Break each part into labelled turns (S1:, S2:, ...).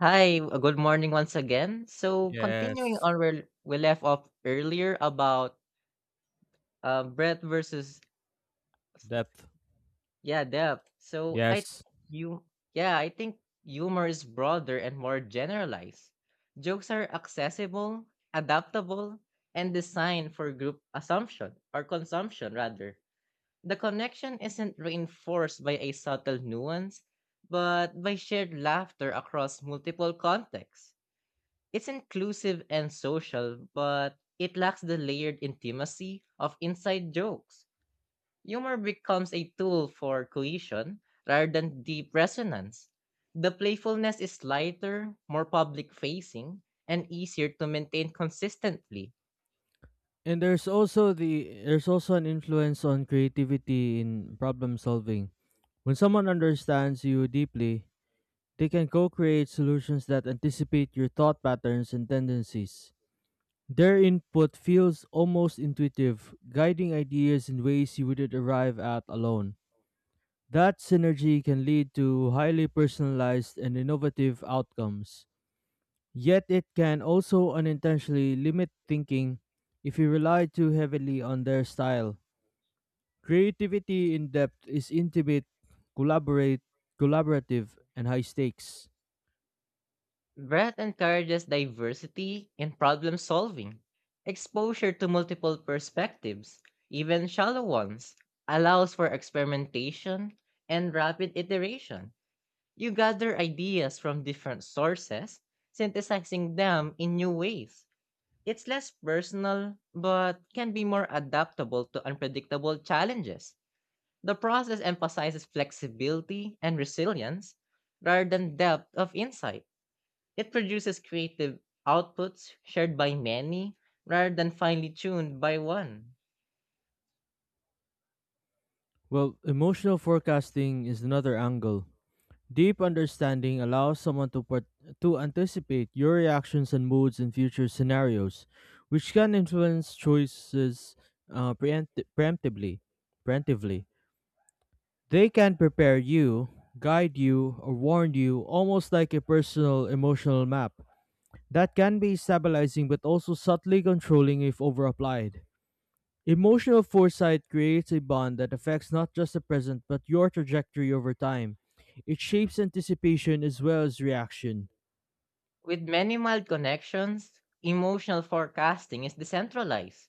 S1: Hi, good morning once again. So, continuing
S2: Yes.
S1: on where we left off earlier about breadth versus
S2: Depth.
S1: yeah depth. So I think
S2: Yes.
S1: you yeah I think humor is broader and more generalized. Jokes are accessible, adaptable, and designed for group assumption or consumption rather. The connection isn't reinforced by a subtle nuance, but by shared laughter across multiple contexts. It's inclusive and social, but it lacks the layered intimacy of inside jokes. Humor becomes a tool for cohesion rather than deep resonance. The playfulness is lighter, more public facing, and easier to maintain consistently.
S2: And there's also an influence on creativity in problem solving. When someone understands you deeply, they can co-create solutions that anticipate your thought patterns and tendencies. Their input feels almost intuitive, guiding ideas in ways you wouldn't arrive at alone. That synergy can lead to highly personalized and innovative outcomes. Yet it can also unintentionally limit thinking if you rely too heavily on their style. Creativity in depth is intimate, collaborate, collaborative, and high stakes.
S1: Brett encourages diversity in problem solving. Exposure to multiple perspectives, even shallow ones, allows for experimentation and rapid iteration. You gather ideas from different sources, synthesizing them in new ways. It's less personal, but can be more adaptable to unpredictable challenges. The process emphasizes flexibility and resilience rather than depth of insight. It produces creative outputs shared by many rather than finely tuned by one.
S2: Well, emotional forecasting is another angle. Deep understanding allows to anticipate your reactions and moods in future scenarios, which can influence choices preemptively. Preemptively. They can prepare you, guide you, or warn you almost like a personal emotional map that can be stabilizing but also subtly controlling if overapplied. Emotional foresight creates a bond that affects not just the present but your trajectory over time. It shapes anticipation as well as reaction.
S1: With many mild connections, emotional forecasting is decentralized.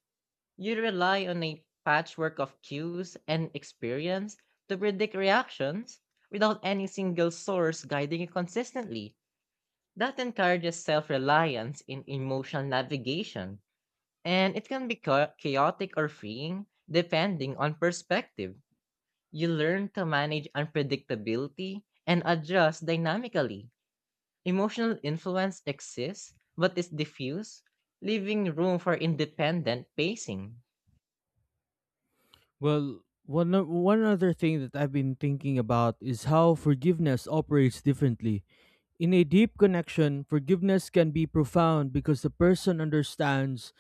S1: You rely on a patchwork of cues and experience to predict reactions without any single source guiding you consistently. That encourages self reliance in emotional navigation, and it can be chaotic or freeing depending on perspective. You learn to manage unpredictability and adjust dynamically. Emotional influence exists but is diffuse, leaving room for independent pacing.
S2: One other thing that I've been thinking about is how forgiveness operates differently. In a deep connection, forgiveness can be profound because the person understands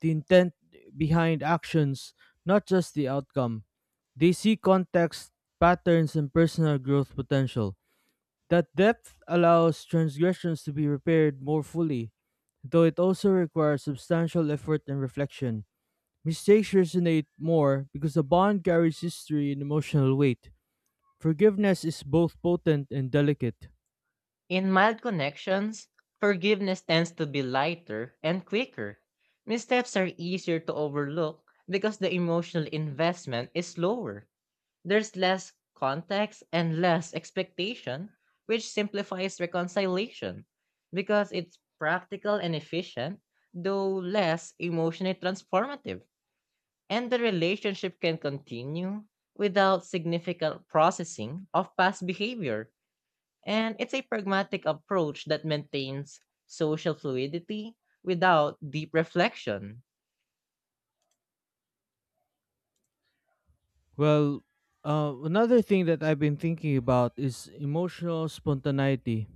S2: the intent behind actions, not just the outcome. They see context, patterns, and personal growth potential. That depth allows transgressions to be repaired more fully, though it also requires substantial effort and reflection. Mistakes resonate more because the bond carries history and emotional weight. Forgiveness is both potent and delicate.
S1: In mild connections, forgiveness tends to be lighter and quicker. Missteps are easier to overlook because the emotional investment is lower. There's less context and less expectation, which simplifies reconciliation because it's practical and efficient, though less emotionally transformative. And the relationship can continue without significant processing of past behavior, and it's a pragmatic approach that maintains social fluidity without deep reflection.
S2: Well, Another thing that I've been thinking about is emotional spontaneity.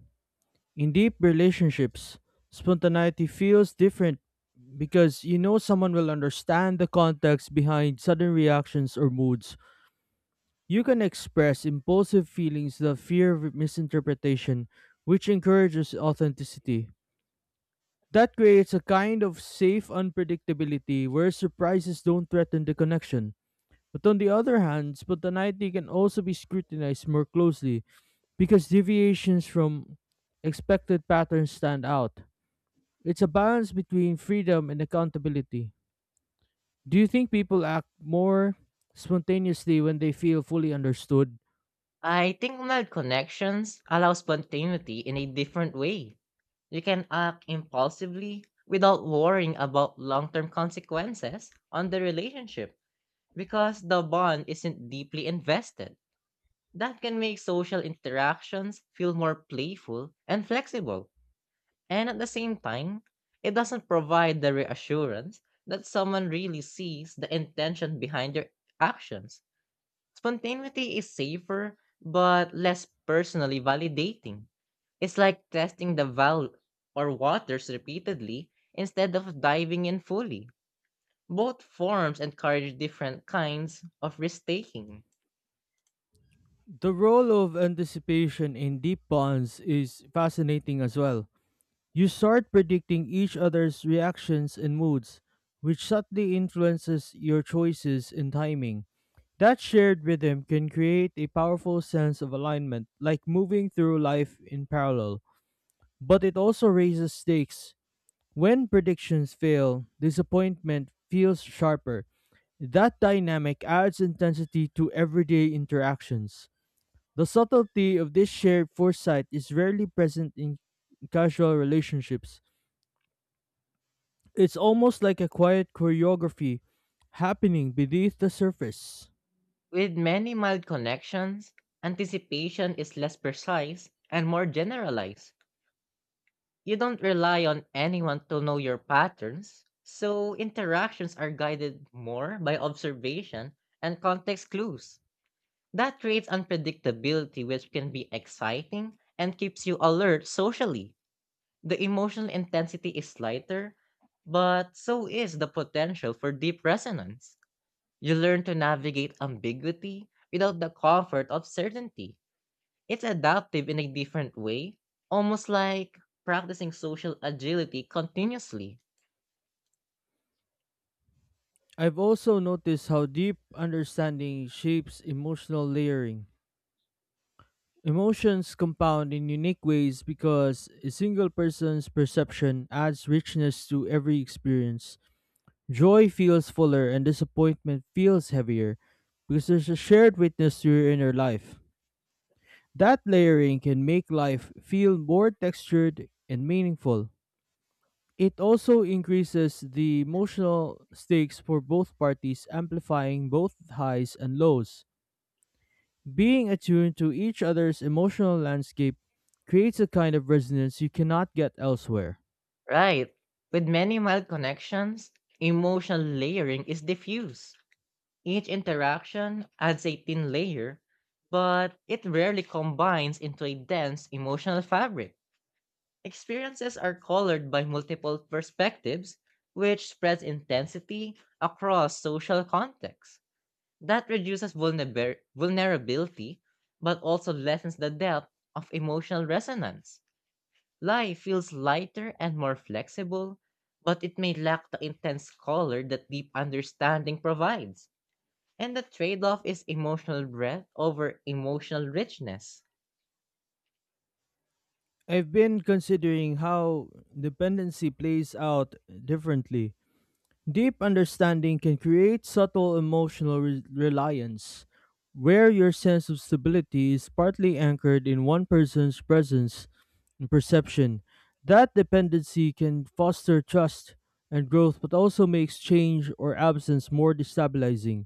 S2: In deep relationships, spontaneity feels different because you know someone will understand the context behind sudden reactions or moods. You can express impulsive feelings that fear of misinterpretation, which encourages authenticity. That creates a kind of safe unpredictability where surprises don't threaten the connection. But on the other hand, spontaneity can also be scrutinized more closely because deviations from expected patterns stand out. It's a balance between freedom and accountability. Do you think people act more spontaneously when they feel fully understood?
S1: I think mild connections allow spontaneity in a different way. You can act impulsively without worrying about long term consequences on the relationship because the bond isn't deeply invested. That can make social interactions feel more playful and flexible. And at the same time, it doesn't provide the reassurance that someone really sees the intention behind their actions. Spontaneity is safer, but less personally validating. It's like testing the valve or waters repeatedly instead of diving in fully. Both forms encourage different kinds of risk taking.
S2: The role of anticipation in deep bonds is fascinating as well. You start predicting each other's reactions and moods, which subtly influences your choices and timing. That shared rhythm can create a powerful sense of alignment, like moving through life in parallel. But it also raises stakes. When predictions fail, disappointment feels sharper. That dynamic adds intensity to everyday interactions. The subtlety of this shared foresight is rarely present in casual relationships. It's almost like a quiet choreography happening beneath the surface.
S1: With many mild connections, anticipation is less precise and more generalized. You don't rely on anyone to know your patterns, so interactions are guided more by observation and context clues. That creates unpredictability, which can be exciting and keeps you alert socially. The emotional intensity is lighter, but so is the potential for deep resonance. You learn to navigate ambiguity without the comfort of certainty. It's adaptive in a different way, almost like practicing social agility continuously.
S2: I've also noticed how deep understanding shapes emotional layering. Emotions compound in unique ways because a single person's perception adds richness to every experience. Joy feels fuller and disappointment feels heavier because there's a shared witness to your inner life. That layering can make life feel more textured and meaningful. It also increases the emotional stakes for both parties, amplifying both highs and lows. Being attuned to each other's emotional landscape creates a kind of resonance you cannot get elsewhere.
S1: Right. With many mild connections, emotional layering is diffuse. Each interaction adds a thin layer, but it rarely combines into a dense emotional fabric. Experiences are colored by multiple perspectives, which spreads intensity across social contexts. That reduces vulnerability, but also lessens the depth of emotional resonance. Life feels lighter and more flexible, but it may lack the intense color that deep understanding provides. And the trade off is emotional breadth over emotional richness.
S2: I've been considering how dependency plays out differently. Deep understanding can create subtle reliance, where your sense of stability is partly anchored in one person's presence and perception. That dependency can foster trust and growth, but also makes change or absence more destabilizing.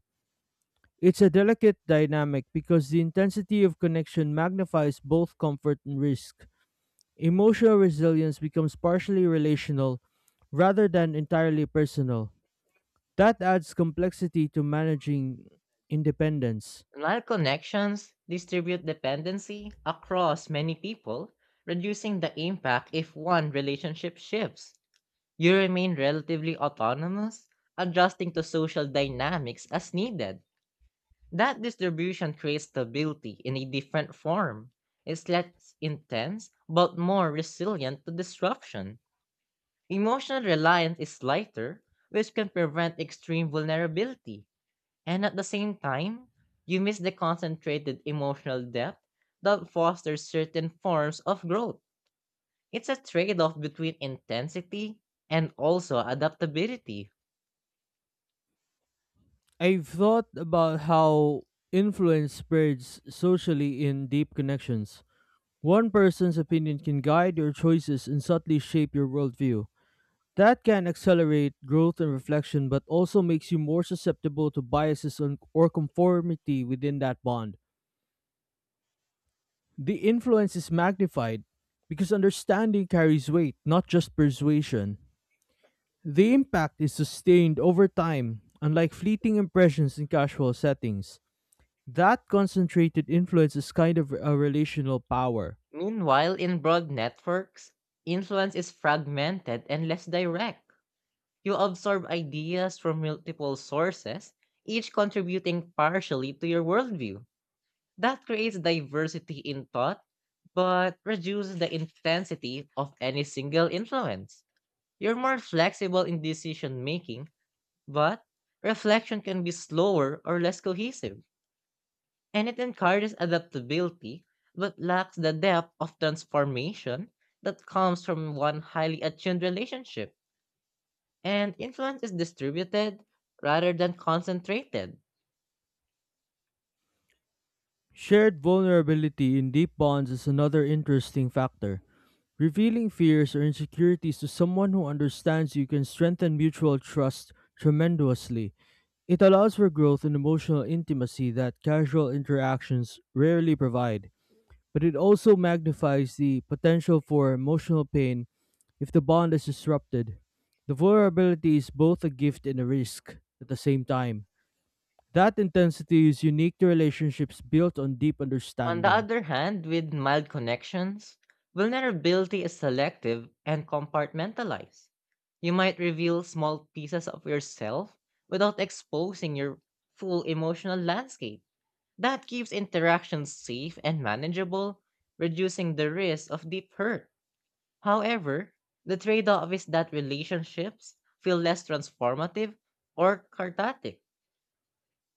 S2: It's a delicate dynamic because the intensity of connection magnifies both comfort and risk. Emotional resilience becomes partially relational rather than entirely personal. That adds complexity to managing independence.
S1: Life connections distribute dependency across many people, reducing the impact if one relationship shifts. You remain relatively autonomous, adjusting to social dynamics as needed. That distribution creates stability in a different form. It's less intense, but more resilient to disruption. Emotional reliance is lighter, which can prevent extreme vulnerability. And at the same time, you miss the concentrated emotional depth that fosters certain forms of growth. It's a trade off between intensity and also adaptability.
S2: I've thought about how influence spreads socially in deep connections. One person's opinion can guide your choices and subtly shape your worldview. That can accelerate growth and reflection, but also makes you more susceptible to biases or conformity within that bond. The influence is magnified because understanding carries weight, not just persuasion. The impact is sustained over time, unlike fleeting impressions in casual settings. That concentrated influence is kind of a relational power.
S1: Meanwhile, in broad networks, influence is fragmented and less direct. You absorb ideas from multiple sources, each contributing partially to your worldview. That creates diversity in thought, but reduces the intensity of any single influence. You're more flexible in decision making, but reflection can be slower or less cohesive, and it encourages adaptability but lacks the depth of transformation that comes from one highly attuned relationship. And influence is distributed rather than concentrated.
S2: Shared vulnerability in deep bonds is another interesting factor. Revealing fears or insecurities to someone who understands you can strengthen mutual trust tremendously. It allows for growth in emotional intimacy that casual interactions rarely provide. But it also magnifies the potential for emotional pain if the bond is disrupted. The vulnerability is both a gift and a risk at the same time. That intensity is unique to relationships built on deep
S1: On the
S2: understanding.
S1: other hand, with mild connections, vulnerability is selective and compartmentalized. You might reveal small pieces of yourself without exposing your full emotional landscape. That keeps interactions safe and manageable, reducing the risk of deep hurt. However, the trade off is that relationships feel less transformative or cathartic.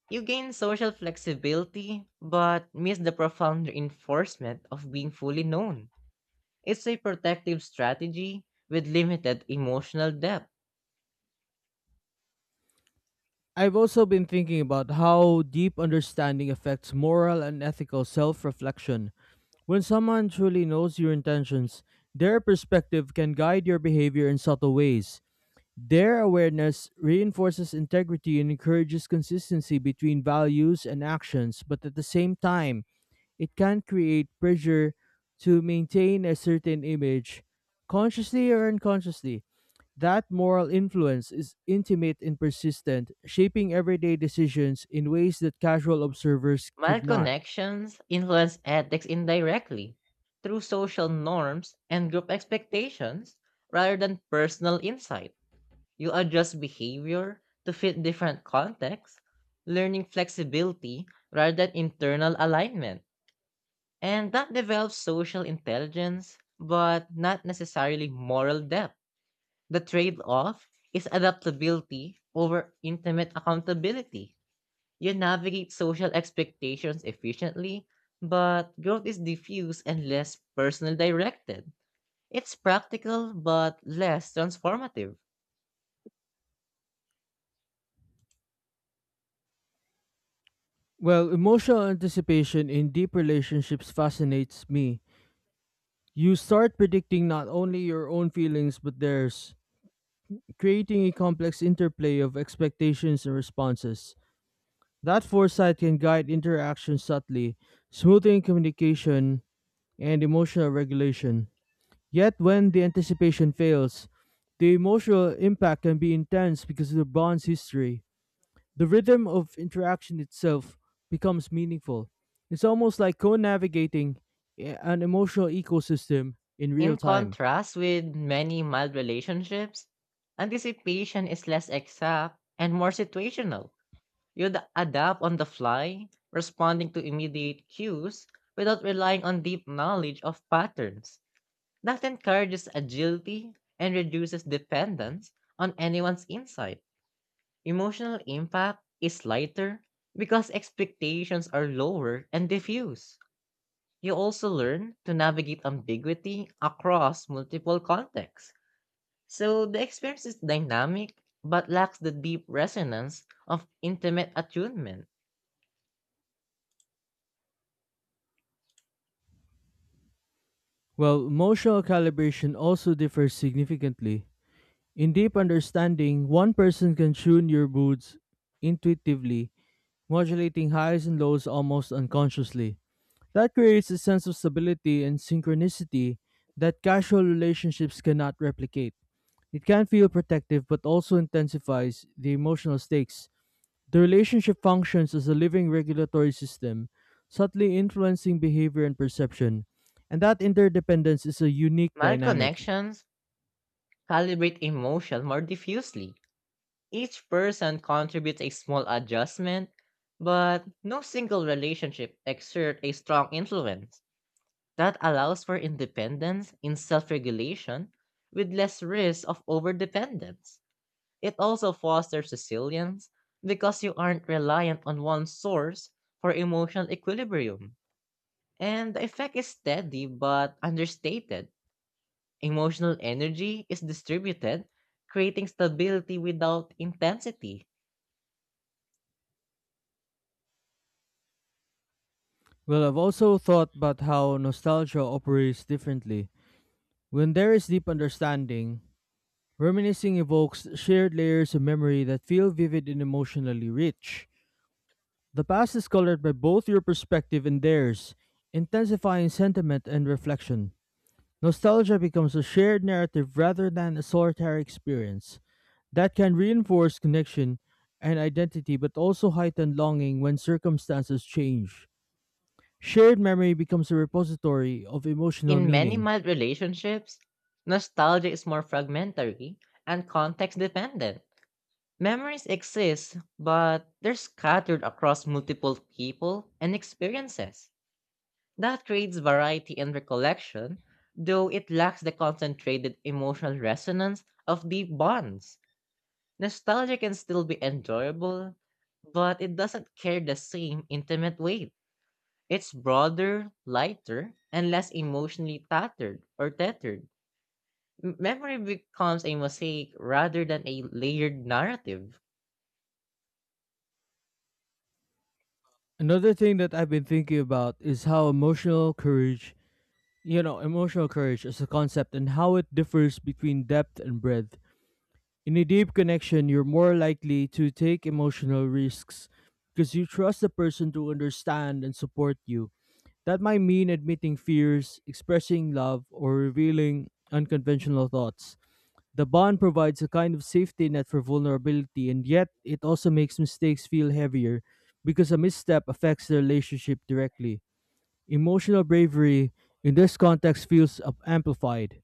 S1: You gain social flexibility, but miss the profound reinforcement of being fully known. It's a protective strategy with limited emotional depth.
S2: I've also been thinking about how deep understanding affects moral and ethical self reflection. When someone truly knows your intentions, their perspective can guide your behavior in subtle ways. Their awareness reinforces integrity and encourages consistency between values and actions, but at the same time, it can create pressure to maintain a certain image, consciously or unconsciously. That moral influence is intimate and persistent, shaping everyday decisions in ways that casual observers could
S1: Mild
S2: not.
S1: connections influence ethics indirectly through social norms and group expectations rather than personal insight. You adjust behavior to fit different contexts, learning flexibility rather than internal alignment. And that develops social intelligence, but not necessarily moral depth. The trade off is adaptability over intimate accountability. You navigate social expectations efficiently, but growth is diffuse and less personal directed. It's practical but less transformative.
S2: Well, emotional anticipation in deep relationships fascinates me. You start predicting not only your own feelings but theirs, creating a complex interplay of expectations and responses. That foresight can guide interaction subtly, smoothing communication and emotional regulation. Yet, when the anticipation fails, the emotional impact can be intense because of the bond's history. The rhythm of interaction itself becomes meaningful. It's almost like co navigating an emotional ecosystem in real
S1: In
S2: time.
S1: contrast with many mild relationships, anticipation is less exact and more situational. You'd adapt on the fly, responding to immediate cues without relying on deep knowledge of patterns. That encourages agility and reduces dependence on anyone's insight. Emotional impact is lighter because expectations are lower and diffuse. You also learn to navigate ambiguity across multiple contexts. So the experience is dynamic but lacks the deep resonance of intimate attunement.
S2: Well, emotional calibration also differs significantly. In deep understanding, one person can tune your moods intuitively, modulating highs and lows almost unconsciously. That creates a sense of stability and synchronicity that casual relationships cannot replicate. It can feel protective but also intensifies the emotional stakes. The relationship functions as a living regulatory system, subtly influencing behavior and perception, and that interdependence is a unique dynamic.
S1: Malconnections calibrate emotion more diffusely. Each person contributes a small adjustment, but no single relationship exerts a strong influence. That allows for independence in self regulation with less risk of overdependence. It also fosters resilience because you aren't reliant on one source for emotional equilibrium. And the effect is steady but understated. Emotional energy is distributed, creating stability without intensity.
S2: Well, I've also thought about how nostalgia operates differently. When there is deep understanding, reminiscing evokes shared layers of memory that feel vivid and emotionally rich. The past is colored by both your perspective and theirs, intensifying sentiment and reflection. Nostalgia becomes a shared narrative rather than a solitary experience that can reinforce connection and identity but also heighten longing when circumstances change. Shared memory becomes a repository of emotional
S1: In many
S2: meaning.
S1: mild relationships, nostalgia is more fragmentary and context dependent. Memories exist, but they're scattered across multiple people and experiences. That creates variety in recollection, though it lacks the concentrated emotional resonance of deep bonds. Nostalgia can still be enjoyable, but it doesn't carry the same intimate weight. It's broader, lighter, and less emotionally tattered or tethered. Memory becomes a mosaic rather than a layered narrative.
S2: Another thing that I've been thinking about is how emotional courage, you know, emotional courage as a concept and how it differs between depth and breadth. In a deep connection, you're more likely to take emotional risks because you trust the person to understand and support you. That might mean admitting fears, expressing love, or revealing unconventional thoughts. The bond provides a kind of safety net for vulnerability, and yet it also makes mistakes feel heavier because a misstep affects the relationship directly. Emotional bravery in this context feels amplified.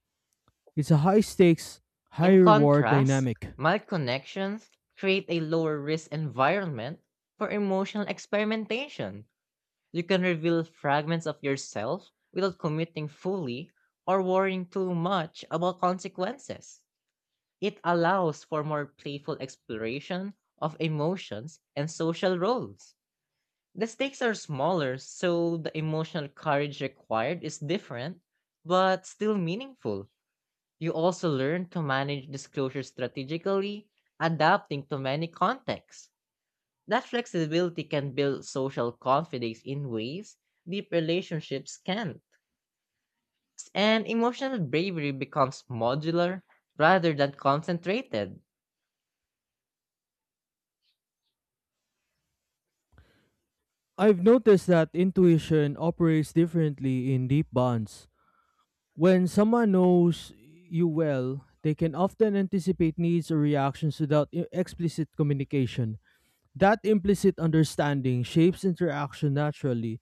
S2: It's a high stakes, high
S1: In
S2: reward
S1: contrast,
S2: dynamic.
S1: mild connections create a lower risk environment for emotional experimentation. You can reveal fragments of yourself without committing fully or worrying too much about consequences. It allows for more playful exploration of emotions and social roles. The stakes are smaller, so the emotional courage required is different, but still meaningful. You also learn to manage disclosure strategically, adapting to many contexts. That flexibility can build social confidence in ways deep relationships can't. And emotional bravery becomes modular rather than concentrated.
S2: I've noticed that intuition operates differently in deep bonds. When someone knows you well, they can often anticipate needs or reactions without explicit communication. That implicit understanding shapes interaction naturally,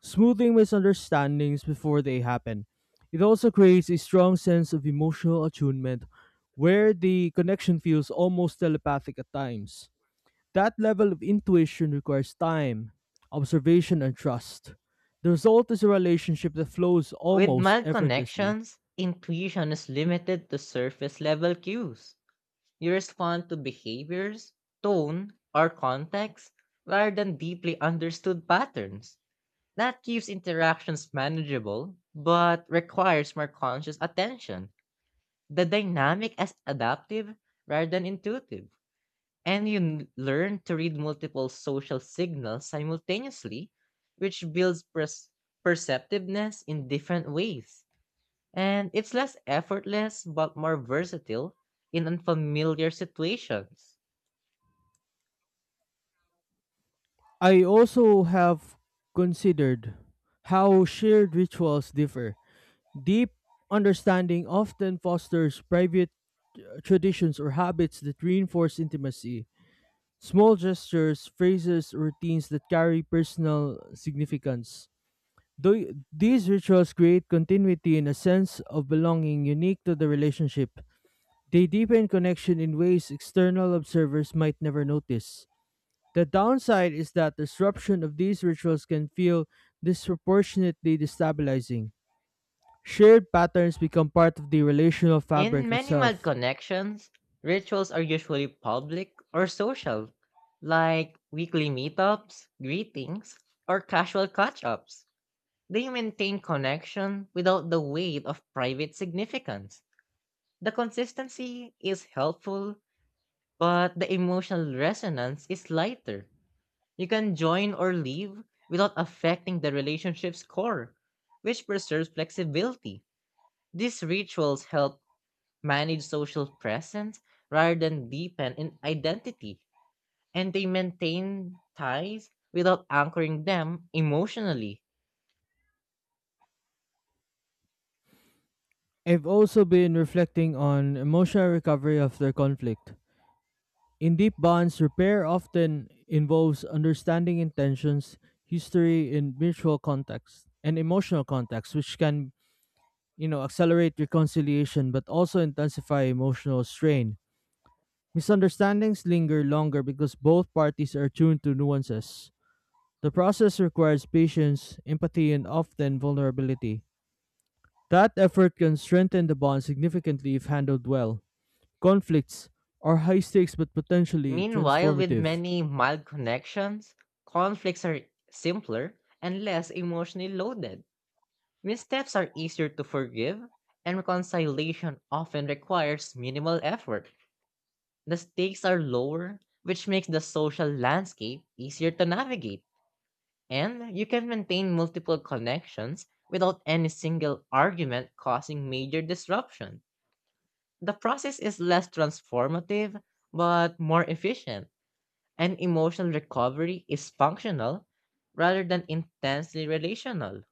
S2: smoothing misunderstandings before they happen. It also creates a strong sense of emotional attunement where the connection feels almost telepathic at times. That level of intuition requires time, observation, and trust. The result is a relationship that flows
S1: With
S2: almost
S1: mild
S2: effortlessly.
S1: connections, intuition is limited to surface level cues. You respond to behaviors, tone, or context rather than deeply understood patterns. That keeps interactions manageable, but requires more conscious attention. The dynamic is adaptive rather than intuitive, and you learn to read multiple social signals simultaneously, which builds perceptiveness in different ways. And it's less effortless but more versatile in unfamiliar situations.
S2: I also have considered how shared rituals differ. Deep understanding often fosters private traditions or habits that reinforce intimacy. Small gestures, phrases, routines that carry personal significance. Though these rituals create continuity and a sense of belonging unique to the relationship. They deepen connection in ways external observers might never notice. The downside is that disruption of these rituals can feel disproportionately destabilizing. Shared patterns become part of the relational
S1: In
S2: fabric
S1: many mild
S2: itself.
S1: connections, rituals are usually public or social, like weekly meetups, greetings, or casual catch ups. They maintain connection without the weight of private significance. The consistency is helpful, but the emotional resonance is lighter. You can join or leave without affecting the relationship's core, which preserves flexibility. These rituals help manage social presence rather than deepen in identity, and they maintain ties without anchoring them emotionally.
S2: I've also been reflecting on emotional recovery after conflict. In deep bonds, repair often involves understanding intentions, history, and mutual context, and emotional context, which can, you know, accelerate reconciliation but also intensify emotional strain. Misunderstandings linger longer because both parties are tuned to nuances. The process requires patience, empathy, and often vulnerability. That effort can strengthen the bond significantly if handled well. Conflicts are high stakes but potentially
S1: Meanwhile, with
S2: transformative.
S1: many mild connections, conflicts are simpler and less emotionally loaded. Missteps are easier to forgive, and reconciliation often requires minimal effort. The stakes are lower, which makes the social landscape easier to navigate. And you can maintain multiple connections without any single argument causing major disruption. The process is less transformative, but more efficient, and emotional recovery is functional rather than intensely relational.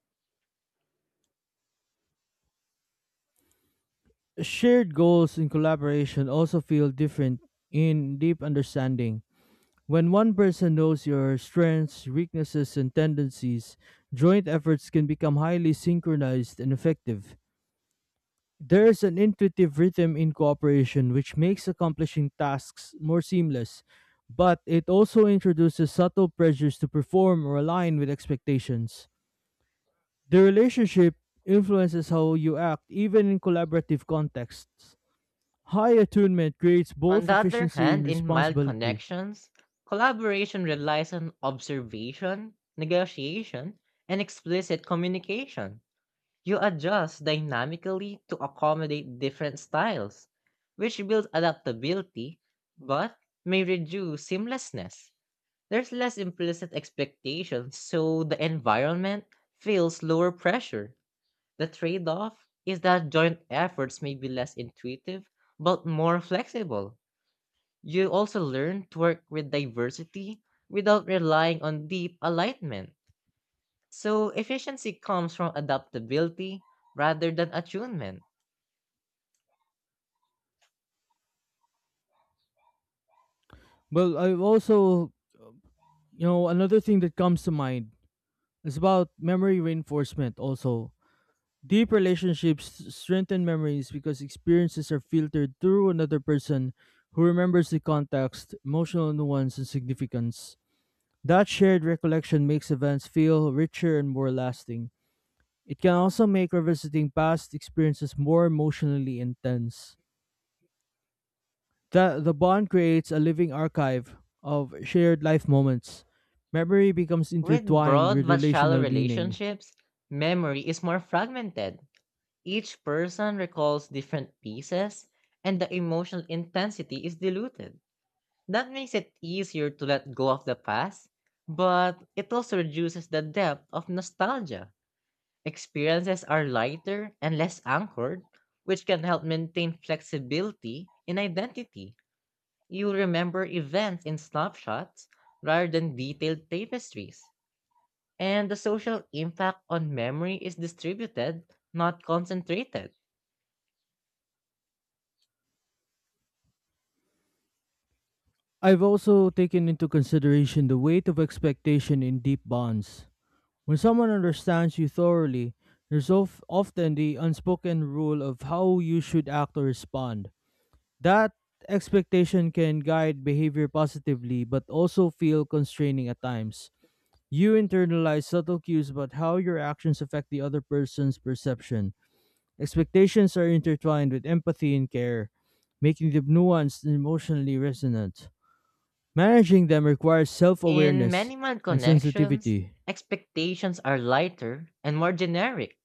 S2: Shared goals in collaboration also feel different in deep understanding. When one person knows your strengths, weaknesses, and tendencies, joint efforts can become highly synchronized and effective. There's an intuitive rhythm in cooperation which makes accomplishing tasks more seamless, but it also introduces subtle pressures to perform or align with expectations. The relationship influences how you act even in collaborative contexts. High attunement creates
S1: On
S2: both
S1: the other
S2: efficiency and
S1: hand, in mild
S2: responsibility.
S1: connections, collaboration relies on observation, negotiation, and explicit communication. You adjust dynamically to accommodate different styles, which builds adaptability but may reduce seamlessness. There's less implicit expectation, so the environment feels lower pressure. The trade off is that joint efforts may be less intuitive but more flexible. You also learn to work with diversity without relying on deep alignment. So efficiency comes from adaptability rather than attunement.
S2: Well, I've also, you know, another thing that comes to mind is about memory reinforcement also. Deep relationships strengthen memories because experiences are filtered through another person who remembers the context, emotional nuance, and significance. That shared recollection makes events feel richer and more lasting. It can also make revisiting past experiences more emotionally intense. The bond creates a living archive of shared life moments. Memory becomes
S1: With
S2: intertwined
S1: broad
S2: with
S1: but shallow
S2: relational meaning.
S1: relationships, memory is more fragmented. Each person recalls different pieces, and the emotional intensity is diluted. That makes it easier to let go of the past, but it also reduces the depth of nostalgia. Experiences are lighter and less anchored, which can help maintain flexibility in identity. You'll remember events in snapshots rather than detailed tapestries. And the social impact on memory is distributed, not concentrated.
S2: I've also taken into consideration the weight of expectation in deep bonds. When someone understands you thoroughly, there's often the unspoken rule of how you should act or respond. That expectation can guide behavior positively but also feel constraining at times. You internalize subtle cues about how your actions affect the other person's perception. Expectations are intertwined with empathy and care, making them nuanced and emotionally resonant. Managing them requires self
S1: In
S2: awareness
S1: many mild
S2: and
S1: connections,
S2: sensitivity.
S1: expectations are lighter and more generic.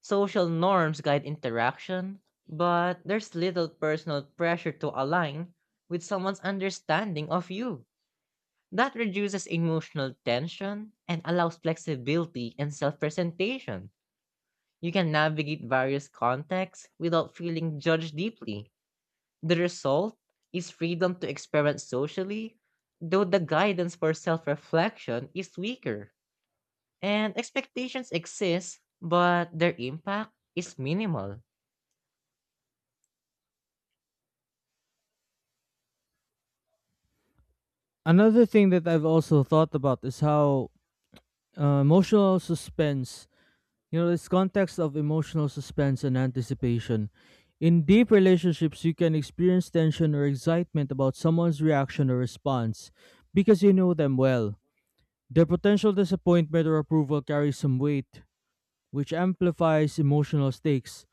S1: Social norms guide interaction, but there's little personal pressure to align with someone's understanding of you. That reduces emotional tension and allows flexibility and self presentation. You can navigate various contexts without feeling judged deeply. The result is freedom to experiment socially, though the guidance for self reflection is weaker. And expectations exist, but their impact is minimal.
S2: Another thing that I've also thought about is how emotional suspense, you know, this context of emotional suspense and anticipation. In deep relationships, you can experience tension or excitement about someone's reaction or response because you know them well. Their potential disappointment or approval carries some weight, which amplifies emotional stakes.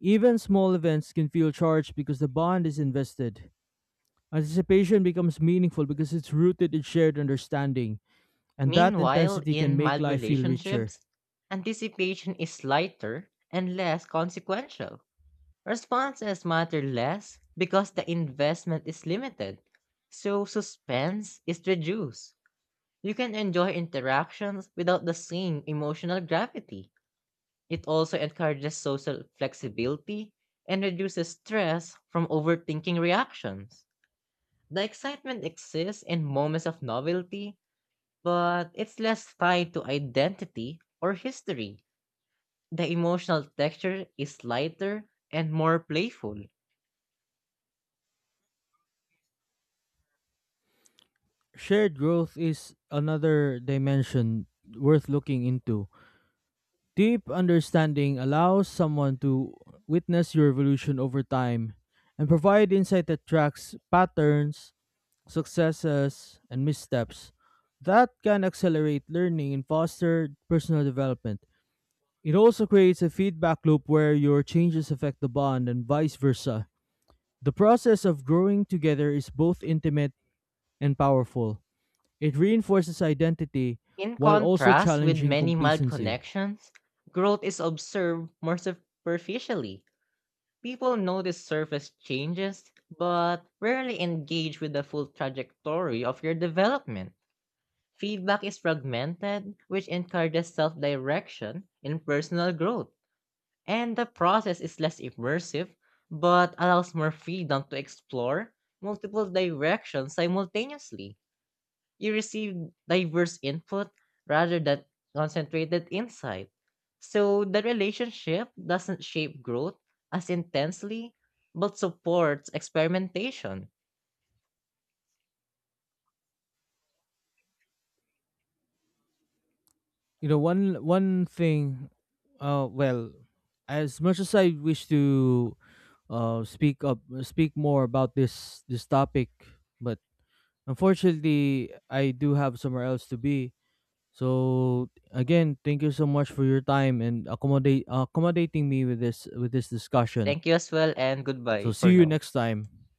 S2: Even small events can feel charged because the bond is invested. Anticipation becomes meaningful because it's rooted in shared understanding, and that
S1: Meanwhile,
S2: intensity can
S1: in
S2: make
S1: mild
S2: life feel richer.
S1: relationships, anticipation is lighter and less consequential. Responses matter less because the investment is limited, so suspense is reduced. You can enjoy interactions without the same emotional gravity. It also encourages social flexibility and reduces stress from overthinking reactions. The excitement exists in moments of novelty, but it's less tied to identity or history. The emotional texture is lighter and more playful.
S2: Shared growth is another dimension worth looking into. Deep understanding allows someone to witness your evolution over time and provide insight that tracks patterns, successes, and missteps. That can accelerate learning and foster personal development. It also creates a feedback loop where your changes affect the bond and vice versa. The process of growing together is both intimate and powerful. It reinforces identity
S1: In
S2: while also
S1: contrast with
S2: challenging
S1: many mild
S2: complacency.
S1: connections, growth is observed more superficially. People notice surface changes, but rarely engage with the full trajectory of your development. Feedback is fragmented, which encourages self direction in personal growth. And the process is less immersive, but allows more freedom to explore multiple directions simultaneously. You receive diverse input rather than concentrated insight. So the relationship doesn't shape growth as intensely, but supports experimentation.
S2: You know, one thing, uh well, as much as I wish to speak more about this topic, but unfortunately I do have somewhere else to be. So again, thank you so much for your time and accommodate accommodating me with this discussion.
S1: Thank you as well, and goodbye
S2: So see
S1: for
S2: you
S1: now.
S2: next time.